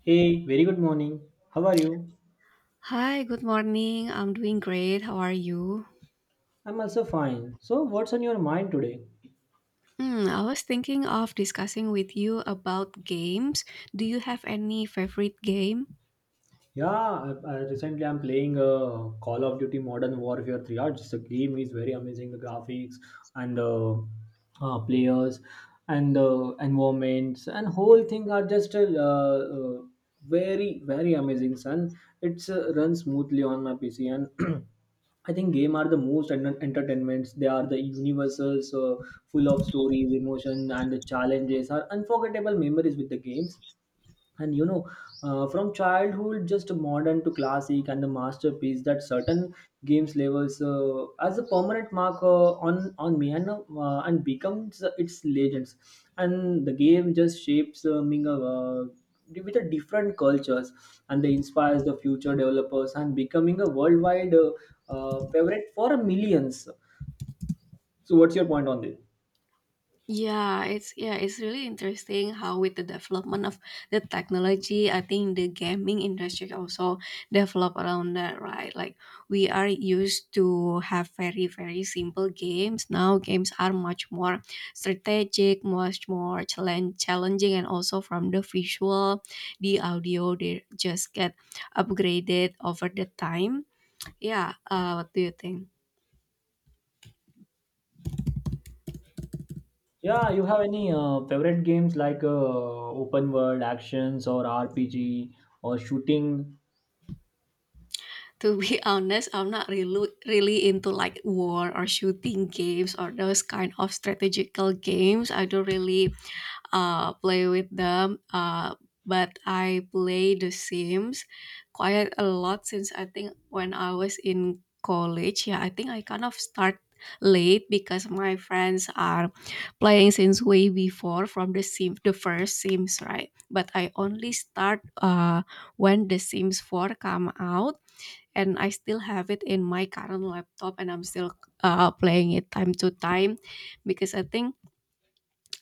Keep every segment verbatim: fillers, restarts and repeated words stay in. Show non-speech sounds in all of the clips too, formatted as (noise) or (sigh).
Hey, very good morning. How are you? Hi, good morning. I'm doing great. How are you? I'm also fine. So, what's on your mind today? Hmm, I was thinking of discussing with you about games. Do you have any favorite game? Yeah, I, I recently I'm playing uh, Call of Duty Modern Warfare three. Yeah, just the game is very amazing. The graphics and the uh, players and the environments and whole thing are just uh, uh, very very amazing. Son, it's uh, runs smoothly on my P C and. (clears throat) I think game are the most enter- entertainments. They are the universals, uh, full of stories, emotion, and the challenges are unforgettable memories with the games and you know uh, from childhood just modern to classic and the masterpiece that certain games levels uh, as a permanent marker on on me and uh, and becomes its legends. And the game just shapes uh, meaning, uh, with a different cultures, and they inspires the future developers and becoming a worldwide uh, uh, favorite for millions. So what's your point on this? Yeah, it's yeah, it's really interesting how with the development of the technology, I think the gaming industry also develop around that, right? Like we are used to have very very simple games. Now games are much more strategic, much more challenge challenging, and also from the visual, the audio, they just get upgraded over the time. Yeah, uh, what do you think? Yeah, you have any uh, favorite games like uh, open world actions or R P G or shooting? To be (laughs) honest, I'm not really really into like war or shooting games or those kind of strategical games. I don't really uh play with them. Uh, but I play The Sims quite a lot since I think when I was in college. Yeah, I think I kind of start late because my friends are playing since way before from the sim the first sims, right? But I only start uh when the sims four come out, and I still have it in my current laptop, and I'm still, uh, playing it time to time because I think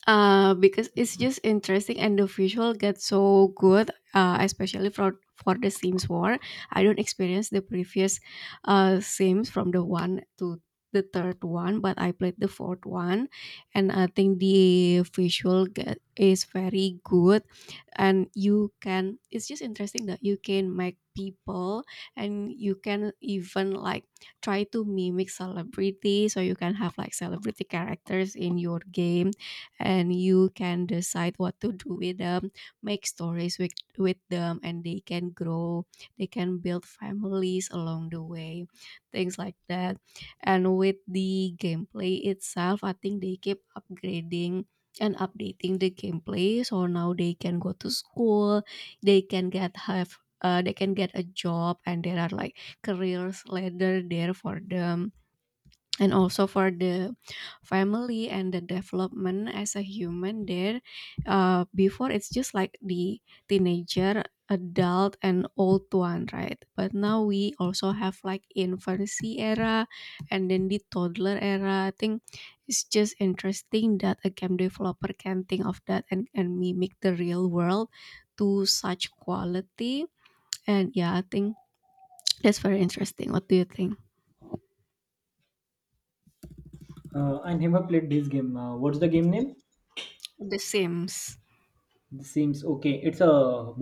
uh, because it's just interesting and the visual gets so good, uh, especially for for the Sims War. I don't experience the previous uh, Sims from the one to the third one, but I played the fourth one, and I think the visual get, is very good, and you can. It's just interesting that you can make people, and you can even like try to mimic celebrity, so you can have like celebrity characters in your game and you can decide what to do with them, make stories with with them, and they can grow, they can build families along the way, things like that. And with the gameplay itself, I think they keep upgrading and updating the gameplay, so now they can go to school, they can get have uh, they can get a job, and there are like careers ladder there for them, and also for the family and the development as a human there. Uh, before, it's just like the teenager, adult, and old one, right? But now we also have like infancy era and then the toddler era. I think it's just interesting that a game developer can think of that and, and mimic the real world to such quality. And yeah, I think that's very interesting. What do you think? Uh, I never played this game. Uh, what's the game name? The sims. This seems okay. It's a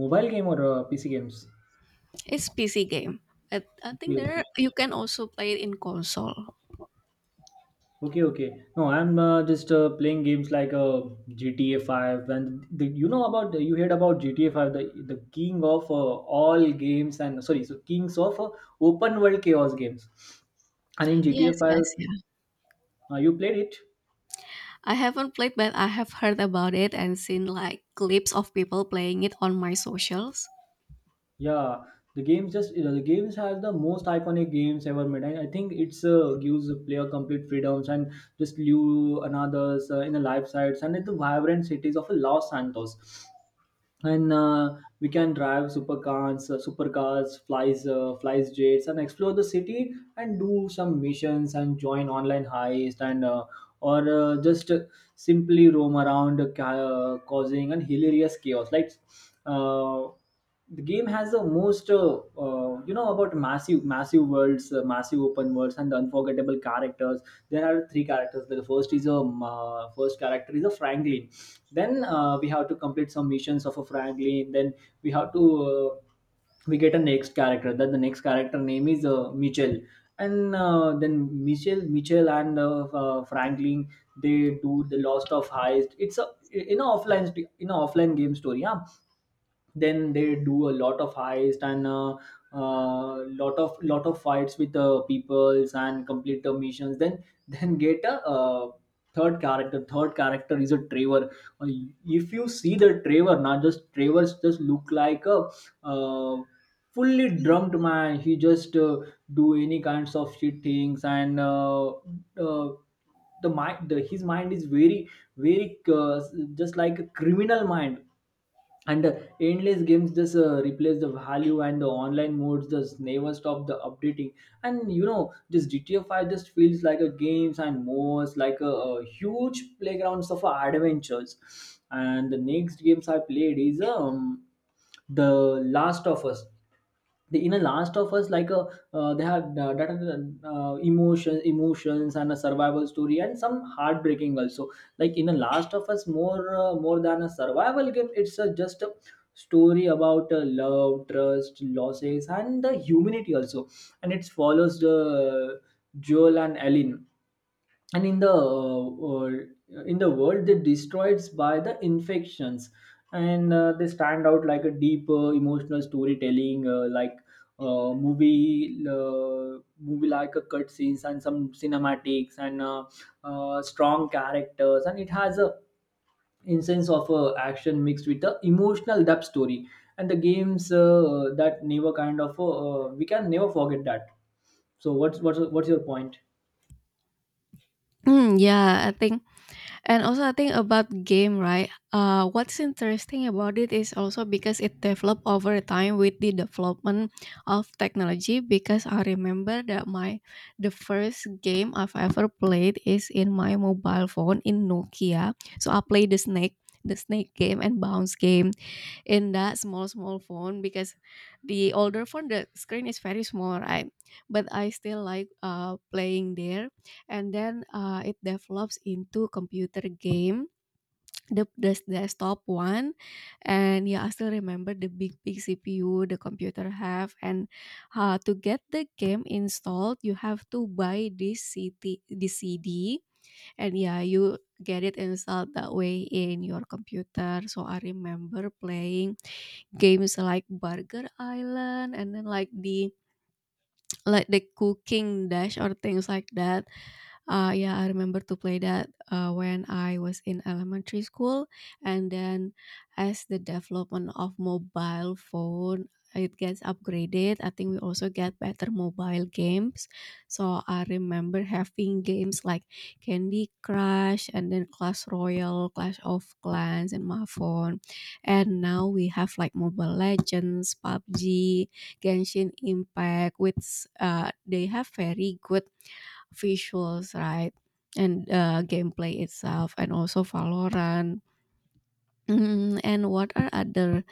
mobile game or uh, P C games? It's P C game. I, I Okay, think there okay, you can also play it in console. okay, okay. No, I'm uh, just uh, playing games like uh, G T A Five, and the, you know about you heard about G T A Five, the the king of uh, all games and sorry, so kings of uh, open world chaos games. And in G T A Yes, Five, yes, yeah. uh, you played it? I haven't played, but I have heard about it and seen like clips of people playing it on my socials. Yeah, the games just you know, the games has the most iconic games ever made, and I think it's uh, gives the player complete freedoms and just live another's uh, in the life sites and in the vibrant cities of Los Santos. And uh, we can drive supercars, uh, supercars flies uh, flies jets and explore the city and do some missions and join online heist, and uh, or uh, just uh, simply roam around uh, ca- uh, causing an hilarious chaos. like uh, the game has the most, uh, uh, you know about massive massive worlds, uh, massive open worlds, and the unforgettable characters. There are three characters. The first is a um, uh, first character is a franklin. Then uh, we have to complete some missions of a franklin, then we have to uh, we get a next character. That the next character name is uh, mitchell. And uh, Then mitchell mitchell and uh, uh, franklin, they do the lost of heist. It's a in a offline st- in a offline game story, yeah. Then they do a lot of heist, and uh, uh, lot of lot of fights with the peoples and complete the missions, then then get a uh, third character third character is a trevor. uh, if you see the Trevor, now just Trevor's just look like a uh, fully drunk man. He just uh, do any kinds of shit things, and uh, uh, the mind, the, his mind is very, very uh, just like a criminal mind. And uh, Endless games just uh, replace the value, and the online modes just never stop the updating. And you know, just gta five just feels like a games and modes like a, a huge playgrounds of uh, adventures. And the next games I played is um the last of us. The inner last of us like a uh, they had uh, that, uh, emotions emotions and a survival story and some heartbreaking also. Like in the last of us, more uh, more than a survival game, it's a, just a story about uh, love, trust, losses, and the humanity also. And it follows the joel and ellen, and in the uh, uh, in the world they destroyed by the infections. And uh, they stand out like a deep uh, emotional storytelling, uh, like uh, movie uh, movie like a cut scenes and some cinematics and uh, uh, strong characters. And it has a instance of uh, action mixed with the emotional depth story, and the games uh, that never kind of uh, uh, we can never forget that. So what's what's what's your point? Mm, yeah, I think. And also, I think about game, right? Uh, what's interesting about it is also because it developed over time with the development of technology. Because I remember that my the first game I've ever played is in my mobile phone in Nokia. So I played the snake, the snake game and bounce game in that small small phone, because the older phone, the screen is very small, right? But I still like uh, playing there, and then uh, it develops into computer game, the, the desktop one. And yeah, I still remember the big big CPU the computer have, and uh, to get the game installed you have to buy this cd this cd. And yeah, you get it installed that way in your computer. So I remember playing games like Burger Island, and then like the like the cooking dash or things like that. Uh, yeah, I remember to play that uh, when I was in elementary school. And then as the development of mobile phone, it gets upgraded, I think we also get better mobile games. So I remember having games like Candy Crush, and then Clash Royale, Clash of Clans, and my phone. And now we have like Mobile Legends, P U B G, Genshin Impact, which uh, they have very good visuals, right? And uh, gameplay itself, and also Valorant. Mm, and what are other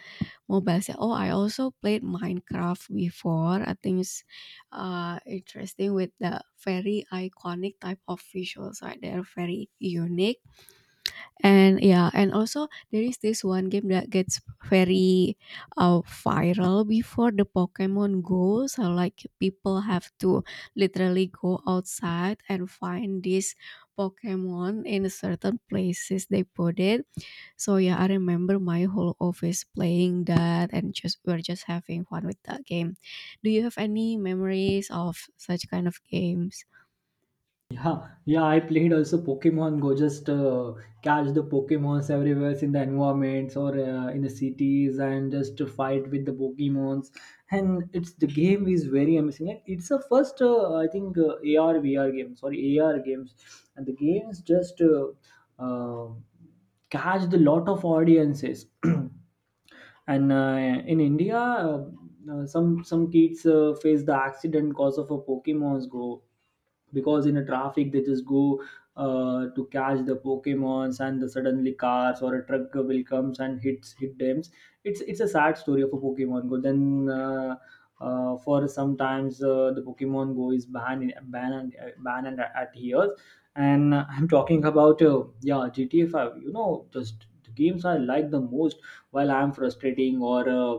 mobiles? Yeah, oh, I also played Minecraft before. I think it's uh, interesting with the very iconic type of visuals, right? They're very unique. And yeah, and also there is this one game that gets very uh, viral before, the Pokemon Go. So like people have to literally go outside and find this Pokemon in certain places they put it. So yeah, I remember my whole office playing that, and just we're just having fun with that game. Do you have any memories of such kind of games? Yeah, yeah, I played also Pokemon Go. Just uh, catch the Pokemons everywhere in the environments or uh, in the cities, and just to fight with the Pokemons. And it's the game is very amazing. Like it's a first, uh, I think, uh, A R V R game. Sorry, A R games, and the games just uh, uh, catch the lot of audiences. (clears throat) and uh, in india, uh, uh, some some kids uh, face the accident cause of a pokemon's go. Because in a traffic they just go uh, to catch the pokemons, and the suddenly cars or a truck will comes and hits hit them. It's it's a sad story of a pokemon go. Then uh, uh, for sometimes uh, the pokemon go is banned in banned, and uh, ban and adheres. And uh, I'm talking about uh, yeah gta five, you know, just the games I like the most. While I'm frustrating or uh,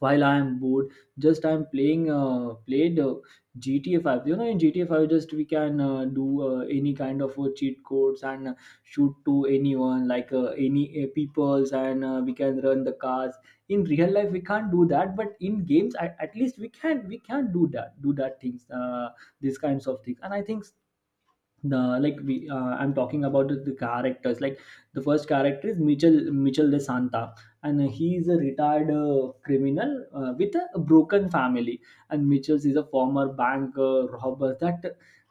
while I am bored, just I'm playing uh, played uh, gta five. You know, in gta five just we can uh, do uh, any kind of uh, cheat codes, and uh, shoot to anyone, like uh, any uh, peoples. And uh, we can run the cars. In real life we can't do that, but in games at, at least we can we can do that do that things, uh, these kinds of things. And I think the like we uh, I'm talking about the, the characters. Like the first character is mitchell mitchell de santa, and he is a retired uh, criminal uh, with a broken family. And mitchell is a former bank uh, robber that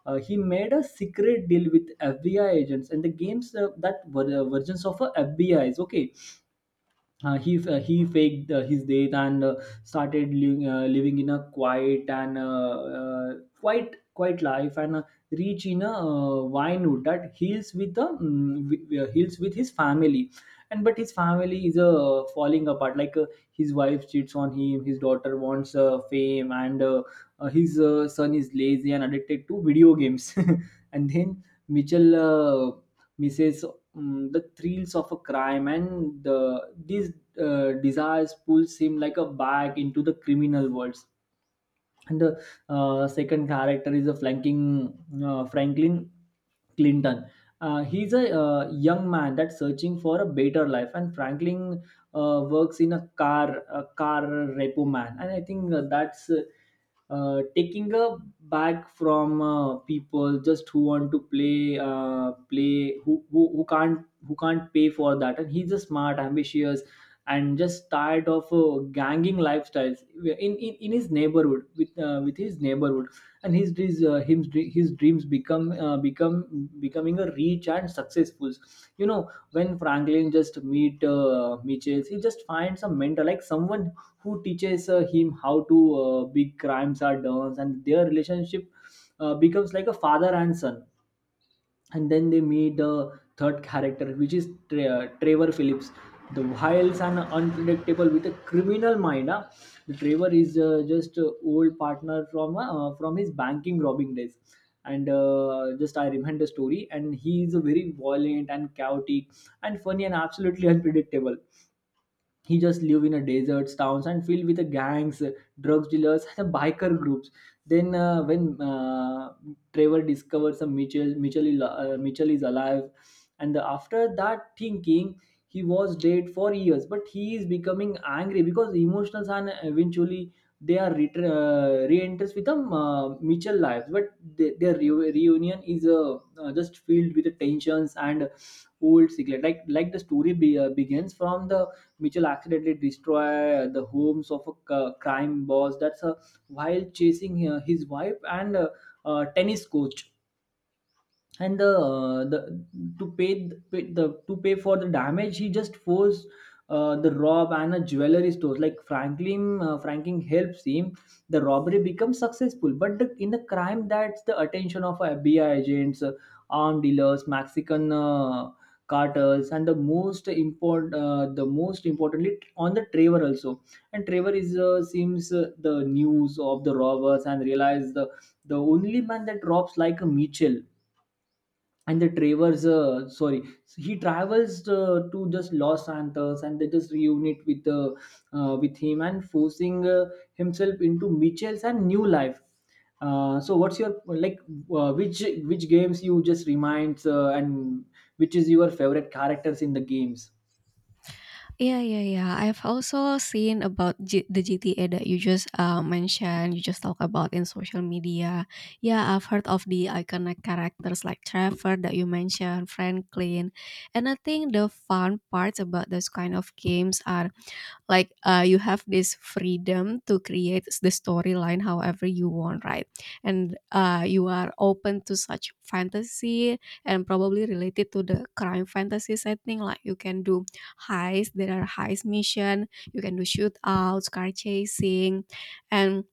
uh, he made a secret deal with F B I agents, and the games uh, that were uh, versions of uh, F B is okay. uh, he f- uh, he faked uh, his death, and uh, started living, uh, living in a quiet, and uh, uh, quite quiet life. And uh, reach in a uh, winewood, that heals with the um, with, uh, heals with his family. And but his family is uh, falling apart. Like uh, his wife cheats on him, his daughter wants uh, fame, and uh, uh, his uh, son is lazy and addicted to video games. (laughs) And then mitchell uh, misses um, the thrills of a crime, and the, these uh, desires pulls him like a bag into the criminal worlds. And the uh, second character is a flanking uh, Franklin Clinton. Uh, he's a uh, young man that's searching for a better life, and Franklin uh, works in a car a car repo man. And I think uh, that's uh, uh, taking a back from uh, people just who want to play uh, play who, who who can't who can't pay for that. And he's a smart, ambitious, and just tired of uh, ganging lifestyles in, in in his neighborhood with uh, with his neighborhood. And his dreams uh, his, dre- his dreams become uh, become becoming a rich and successful, you know. When Franklin just meet uh, Mitchell, he just finds a mentor, like someone who teaches uh, him how to uh, big crimes are done, and their relationship uh, becomes like a father and son. And then they meet the third character, which is Tre- uh, trevor phillips, the wild and unpredictable with a criminal mind, huh? The trevor is uh, just uh, old partner from uh, from his banking robbing days. And uh, just I remember the story, and he is a very violent and chaotic and funny and absolutely (laughs) unpredictable. He just live in a deserts towns and filled with the gangs, drugs dealers, and the biker groups. Then uh, when uh, trevor discovers a mitchell mitchell, is- uh, mitchell is alive. And after that, thinking he was dead for years, but he is becoming angry because emotions. And eventually they are re- uh, re-enters with the uh, mitchell lives. But they, their reu- reunion is uh, uh, just filled with the tensions and old secret. Like like the story be, uh, begins from the Mitchell accidentally destroy the homes of a c- crime boss. That's a While chasing uh, his wife and uh, uh, tennis coach, and the uh, the to pay th- pay the to pay for the damage, he just forced uh, the rob and a jewelry store, like franklin uh, Franklin helps him. The robbery becomes successful, but the, in the crime that's the attention of FBI agents, uh, armed dealers, Mexican uh, cartels, and the most important, uh, the most importantly on the Trevor also. And Trevor is uh, seems uh, the news of the robbers and realize the the only man that robs like a Mitchell. And the travels uh, sorry so he travels uh, to just Los Santos, and they just reunite with uh, uh, with him and forcing uh, himself into Mitchell's and new life. Uh, so what's your, like, uh, which which games you just reminds, uh, and which is your favorite characters in the games? Yeah, yeah, yeah. I've also seen about G- the G T A that you just uh, mentioned, you just talk about in social media. Yeah, I've heard of the iconic characters like Trevor that you mentioned, Franklin. And I think the fun parts about those kind of games are like uh, you have this freedom to create the storyline however you want, right? And uh, you are open to such fantasy, and probably related to the crime fantasy setting, like you can do heist, there are heist mission, you can do shootouts, car chasing, and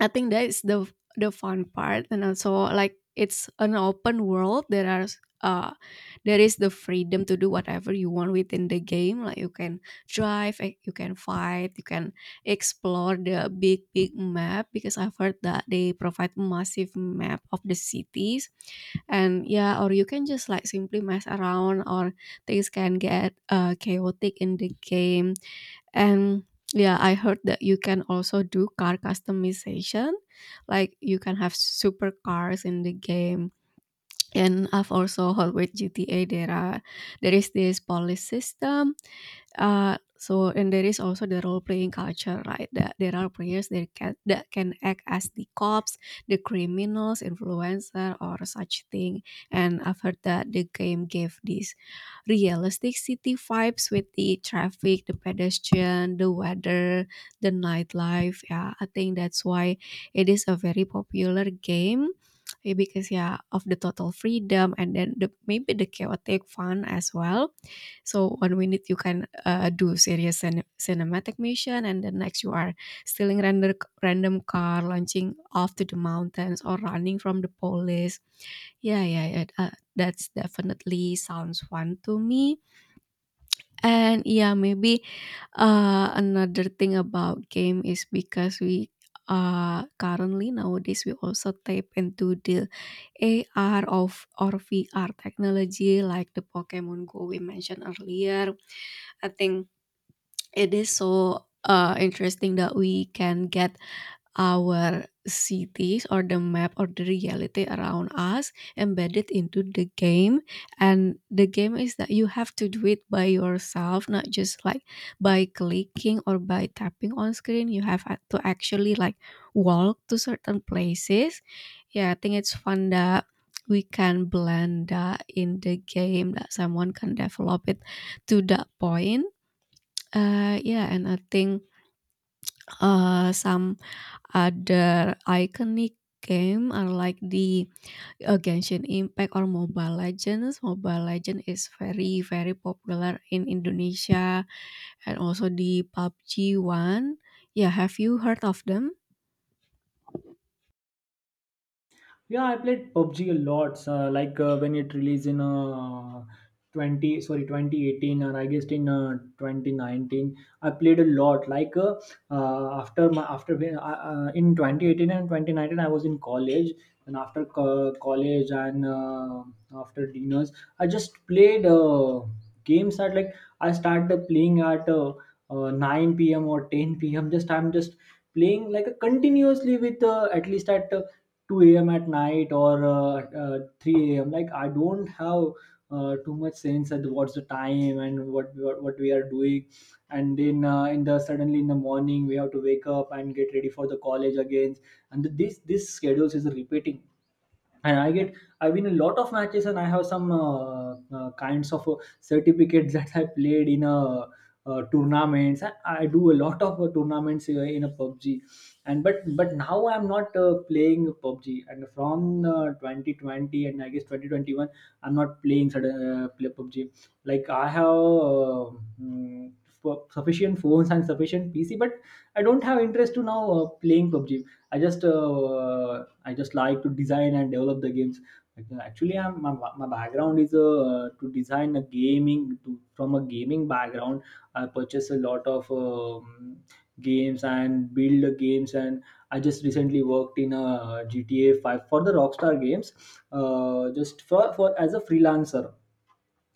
I think that is the the fun part. And also like it's an open world, there are uh, there is the freedom to do whatever you want within the game, like you can drive, eh, you can fight, you can explore the big big map, because I've heard that they provide massive map of the cities. And yeah, or you can just like simply mess around, or things can get uh, chaotic in the game. And yeah, I heard that you can also do car customization, like you can have super cars in the game. And I've also heard with G T A there are there is this police system. Uh, so, and there is also the role playing culture, right? That there are players that can that can act as the cops, the criminals, influencer, or such thing. And I've heard that the game gave this realistic city vibes with the traffic, the pedestrian, the weather, the nightlife. Yeah, I think that's why it is a very popular game, eh, because yeah, of the total freedom and then the maybe the chaotic fun as well. So one minute you can uh, do serious cin- cinematic mission, and the next you are stealing random random car, launching off to the mountains, or running from the police. Yeah, yeah, yeah. Uh, that's definitely sounds fun to me. And yeah, maybe uh, another thing about game is because we uh currently nowadays we also tap into the A R of or V R technology like the Pokemon Go we mentioned earlier. I think it is so uh, interesting that we can get our cities or the map or the reality around us embedded into the game. And the game is that you have to do it by yourself, not just like by clicking or by tapping on screen. You have a- to actually like walk to certain places. Yeah, I think it's fun that we can blend that in the game, that someone can develop it to that point. Uh, yeah, and I think uh, some other iconic game are like the uh, Genshin Impact or Mobile Legends. Mobile Legend is very very popular in Indonesia, and also the P U B G one. Yeah, have you heard of them? Yeah, I played P U B G a lot. Uh, like uh, when it released in uh, twenty, sorry, twenty eighteen, and I guess in uh, twenty nineteen, I played a lot. Like uh, uh, after my after when- uh, uh, In twenty eighteen and twenty nineteen, I was in college, and after co- college and uh, after dinners, I just played uh, games at, like, I started playing at uh, uh, nine p m or ten p m. Just I'm just playing, like, a continuously with, uh, at least at uh, two a m at night or uh, uh, three a m, like I don't have uh, too much sense at what's the time and what what, what we are doing. And then uh, in the suddenly in the morning, we have to wake up and get ready for the college again, and this this schedules is repeating. And I get I win a lot of matches, and I have some uh, uh, kinds of uh, certificates (laughs) that I played in a. Uh, tournaments I, I do a lot of uh, tournaments uh, in a P U B G. And but but now I'm not uh, playing P U B G, and from uh, twenty twenty and I guess twenty twenty-one, I'm not playing sudden uh, play P U B G. Like, I have uh, mm, fu- sufficient phones and sufficient PC, but I don't have interest to now uh, playing PUBG. i just uh, I just like to design and develop the games. Like, uh, actually, I'm, my, my background is uh, to design a gaming to, from a gaming background. I purchase a lot of um, games and build the games, and I just recently worked in a GTA five for the Rockstar Games, uh, just for, for as a freelancer.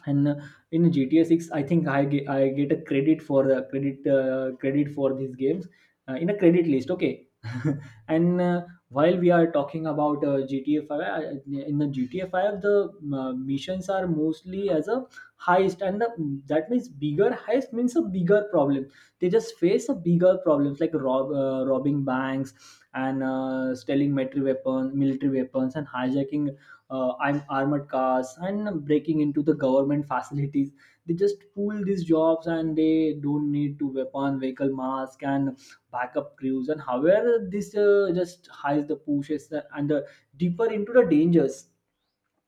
And uh, in G T A six, I think I get, I get a credit for the credit uh, credit for these games, uh, in a credit list, okay. (laughs) And uh, while we are talking about uh, G T A five, uh, in the G T A five, the uh, missions are mostly as a heist, and the, that means bigger heist means a bigger problem. They just face a bigger problems, like rob, uh, robbing banks and uh, stealing military weapons military weapons and hijacking, uh, I'm armored cars, and breaking into the government (laughs) facilities. They just pull these jobs, and they don't need to weapon, vehicle, mask, and backup crews. And however, this uh, just hides the pushes and the deeper into the dangers,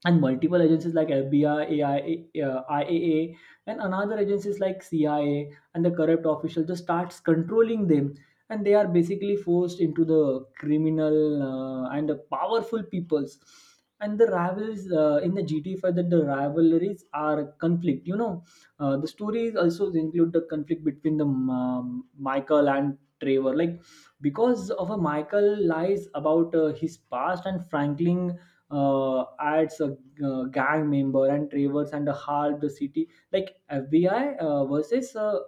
and multiple agencies like F B I, A I, uh, IAA, and another agencies like C I A, and the corrupt official just starts controlling them. And they are basically forced into the criminal, uh, and the powerful peoples and the rivals, uh, in the G T A five, that the rivalries are conflict you know uh, The stories also include the conflict between the um, um, Michael and Trevor, like because of a Michael lies about uh, his past, and Franklin uh, adds a uh, gang member, and Travers, and a half the city, like F B I uh, versus, uh,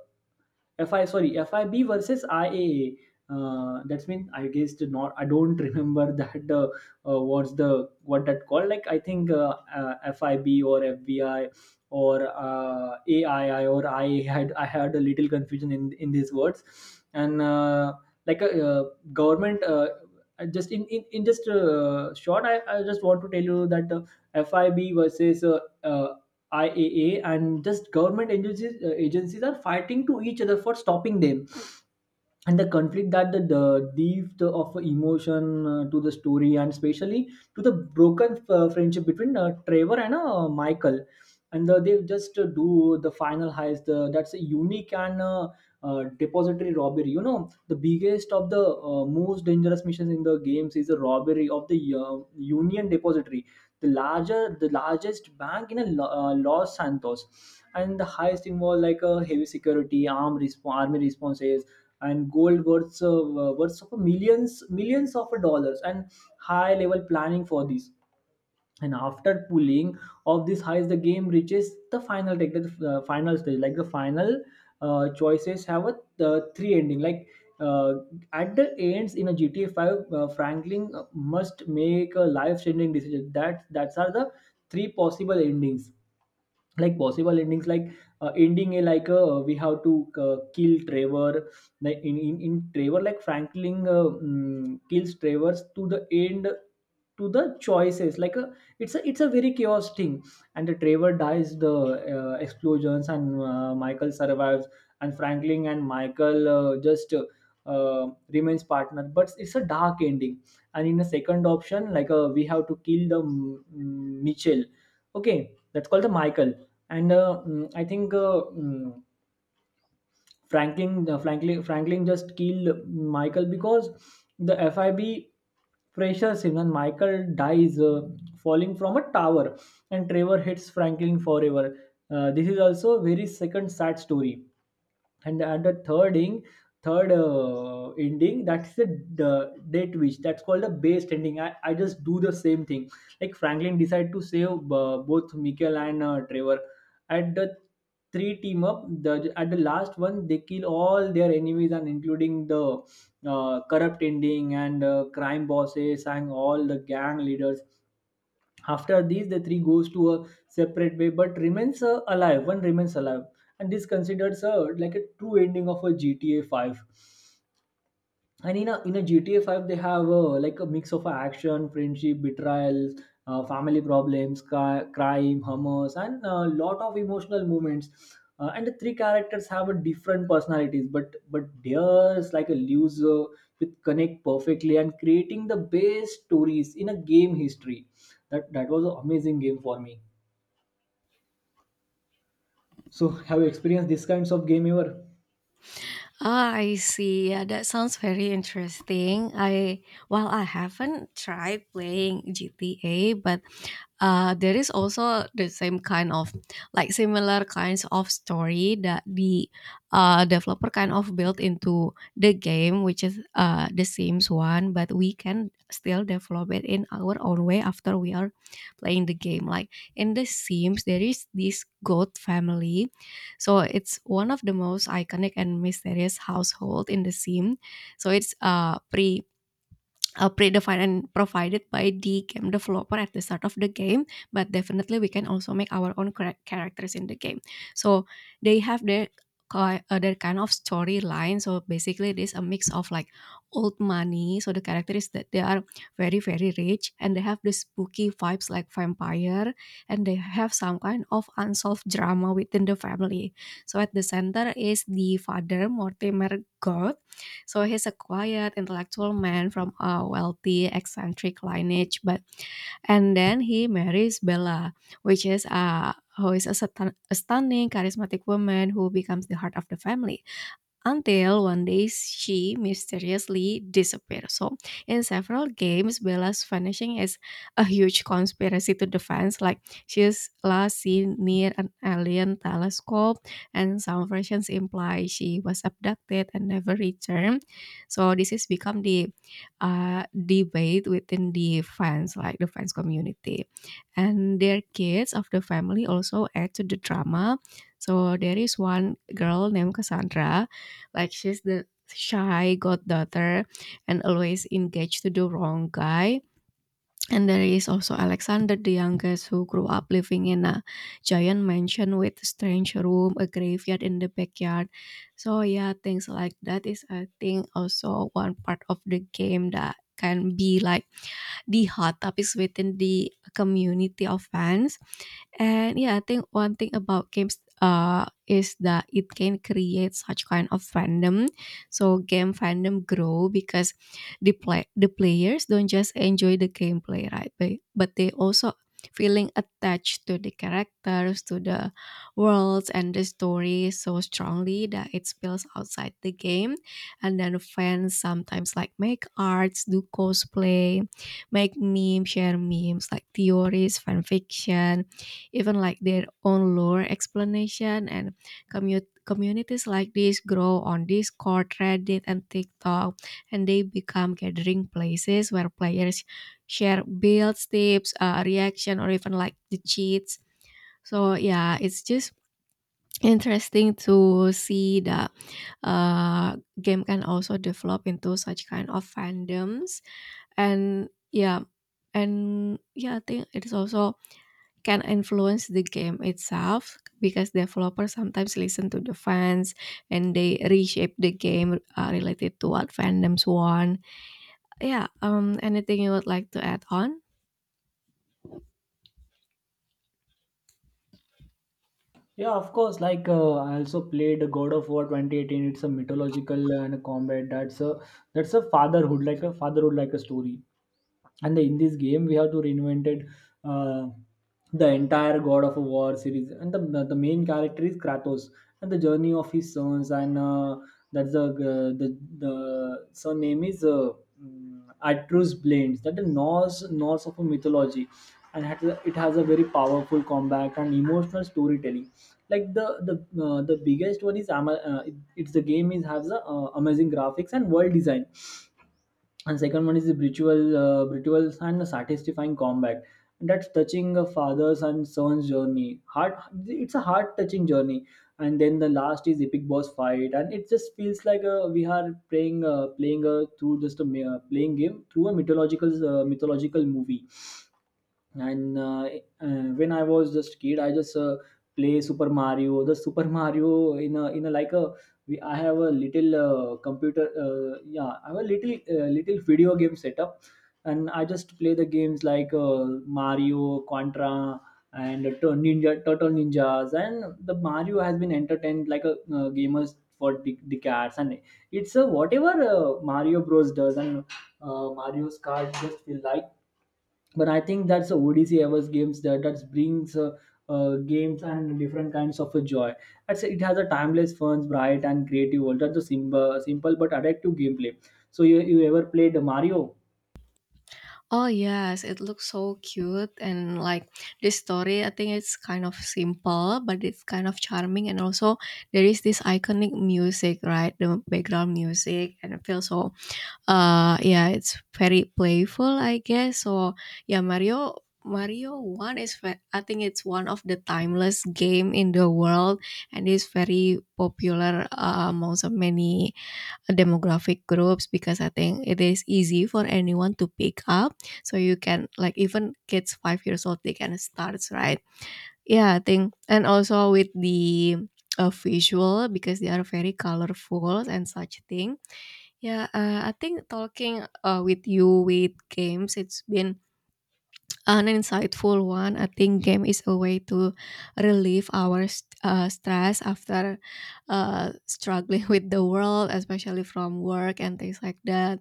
FI sorry FIB versus I A A. Uh, that's mean, I guess, the not I don't (laughs) remember that, uh, uh, what's the what that called, like, I think, uh, uh, F I B or F B I or uh, A I I, or I had I had a little confusion in in these words. And uh, like a uh, government uh, I just in in, in just uh, short, I, I just want to tell you that, uh, F I B versus uh, uh, I A A, and just government agencies, uh, agencies are fighting to each other for stopping them. And the conflict that the, the depth of emotion, uh, to the story, and especially to the broken uh, friendship between uh, Trevor and uh, Michael, and uh, they just uh, do the final heist. Uh, that's a unique and uh, uh, depository robbery. You know, the biggest of the uh, most dangerous missions in the games is a robbery of the uh, Union Depository, the larger, the largest bank in a, Lo- uh, Los Santos, and the heist involves, like, a heavy security, armed resp- army responses, and gold worths of, uh, worths of millions millions of dollars, and high level planning for this. And after pulling of these highs, the game reaches the final take the uh, final stage, like the final uh, choices have a uh, three ending, like uh, at the ends in a GTA five, uh, Franklin must make a life changing decision, that that's are the three possible endings, like possible endings like uh, ending A, like uh, we have to uh, kill Trevor. Like in in, in trevor like Franklin, uh, mm, kills Trevor to the end, to the choices, like a, it's a it's a very chaos thing, and the Trevor dies the uh, explosions and uh, Michael survives, and Franklin and Michael uh, just uh, uh, remains partner, but it's a dark ending. And in the second option, like, uh, we have to kill the mm, Mitchell, okay, that's called the Michael. And uh, mm, I think, uh, mm, Franklin, uh, Franklin, Franklin just killed Michael because the F I B pressures him, and Michael dies uh, falling from a tower, and Trevor hits Franklin forever. Uh, this is also a very second sad story, and the, and the third ing third uh, ending, that's the d- date which that's called the base ending. I, I just do the same thing, like Franklin decide to save uh, both Michael and uh, Trevor. At the three team up, the at the last one they kill all their enemies, and including the uh, corrupt ending and uh, crime bosses and all the gang leaders. After these, the three goes to a separate way, but remains uh, alive one remains alive, and this considered, uh, like, a true ending of a GTA five. And in a in a G T A five, they have, uh, like, a mix of action, friendship, betrayal, uh, family problems, cri- crime, humors, and a lot of emotional moments. Uh, and the three characters have a different personalities, but but theirs like a loser with connect perfectly and creating the best stories in a game history. That that was an amazing game for me. So have you experienced these kinds of game ever? Ah, I see. Yeah, that sounds very interesting. I, well, I haven't tried playing G T A, but uh, there is also the same kind of like similar kinds of story that the uh, developer kind of built into the game, which is uh, the sims one, but we can still develop it in our own way after we are playing the game. Like in the sims there is this goat family. So it's one of the most iconic and mysterious household in the sim. So it's uh, pre uh, predefined and provided by the game developer at the start of the game. But definitely we can also make our own chara- characters in the game. So they have their ki- uh, their kind of storyline. So basically it is a mix of like old money. So the character is that they are very very rich, and they have this spooky vibes like vampire, and they have some kind of unsolved drama within the family. So at the center is the father, Mortimer God. So he's a quiet, intellectual man from a wealthy, eccentric lineage. But, and then he marries Bella, which is a who is a, stan- a stunning, charismatic woman who becomes the heart of the family, until one day she mysteriously disappears. So, in several games, Bella's vanishing is a huge conspiracy to the fans. Like, she is last seen near an alien telescope, and some versions imply she was abducted and never returned. So, this has become the uh, debate within the fans, like the fans community. And their kids of the family also add to the drama. So there is one girl named Cassandra, like she's the shy goddaughter and always engaged to the wrong guy. And there is also Alexander, the youngest, who grew up living in a giant mansion with a strange room, a graveyard in the backyard. So yeah, things like that is I think also one part of the game that can be like the hot topics within the community of fans. And yeah, I think one thing about games uh is that it can create such kind of fandom. So game fandom grow because the play the players don't just enjoy the gameplay, right? But but they also feeling attached to the characters, to the worlds and the story so strongly that it spills outside the game. And then fans sometimes like make arts, do cosplay, make memes, share memes like theories, fan fiction, even like their own lore explanation. And commu- communities like this grow on Discord, Reddit, and TikTok, and they become gathering places where players share builds, tips, uh, reaction, or even like the cheats. So yeah, it's just interesting to see that uh, game can also develop into such kind of fandoms. And yeah, and yeah, I think it's also can influence the game itself, because developers sometimes listen to the fans and they reshape the game uh, related to what fandoms want. Yeah, um, anything you would like to add on? Yeah, of course. Like uh, I also played God of War twenty eighteen. It's a mythological uh, and a combat. That's a that's a fatherhood, like a fatherhood, like a story. And in this game, we have to reinvented uh, the entire God of War series. And the the main character is Kratos, and the journey of his sons. And uh, that's the uh, the the son name is uh, mm, Atreus Blades. That the Norse Norse of a mythology, and it has a it has a very powerful combat and emotional storytelling, like the the uh, the biggest one is ama- uh, it- it's the game is has a uh, amazing graphics and world design, and second one is the ritual uh, rituals and satisfying combat, that's touching a father's and son's journey heart. It's a heart touching journey. And then the last is epic boss fight, and it just feels like uh, we are playing uh, playing uh, through just a mi- uh, playing game through a mythological uh, mythological movie. And uh, uh, when I was just kid, I just uh, play super mario the super Mario in a, in a like a, we, I have a little uh, computer, uh, yeah, I have a little uh, little video game setup. And I just play the games, like, uh, Mario, Contra, and Tur- ninja turtle ninjas, and the Mario has been entertained, like, a uh, gamers for de- decades, and it's a whatever uh, Mario Bros does, and uh, Mario's card just feel like, but I think that's the O D C Evers games, that that brings uh, uh, games and different kinds of a joy. That's it has a timeless, fun, bright, and creative world. That's a simple, simple but addictive gameplay. So you you ever played Mario? Oh yes, it looks so cute, and like this story I think it's kind of simple but it's kind of charming. And also there is this iconic music, right? The background music, and it feels so uh yeah, it's very playful, I guess. So yeah, mario mario one is ve- I think it's one of the timeless game in the world, and is very popular uh, amongst of many demographic groups, because I think it is easy for anyone to pick up. So you can like even kids five years old, they can start, right? Yeah, I think. And also with the uh, visual, because they are very colorful and such thing. Yeah, uh, I think talking uh, with you with games, it's been an insightful one. I think game is a way to relieve our st- uh, stress after uh, struggling (laughs) with the world, especially from work and things like that.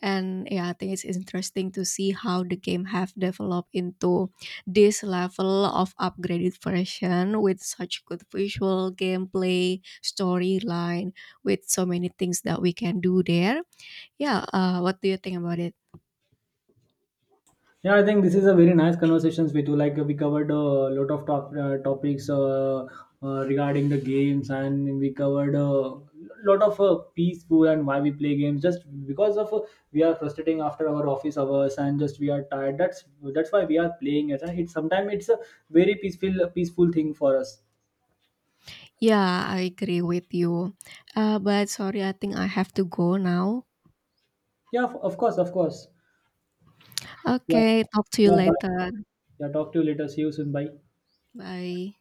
And yeah, I think it's interesting to see how the game have developed into this level of upgraded version with such good visual gameplay, storyline, with so many things that we can do there. Yeah, uh, what do you think about it? Yeah, I think this is a very nice conversations with you. Like, we covered a lot of top, uh, topics, uh, uh, regarding the games, and we covered a lot of uh, peaceful, and why we play games. Just because of, uh, we are frustrating after our office hours, and just we are tired. That's that's why we are playing it. And it's sometimes it's a very peaceful peaceful thing for us. Yeah, I agree with you. Uh, but sorry, I think I have to go now. Yeah, of of course, of course. Yeah, Okay, talk to you yeah. Bye. later. Yeah, talk to you later. See you soon. Bye. Bye.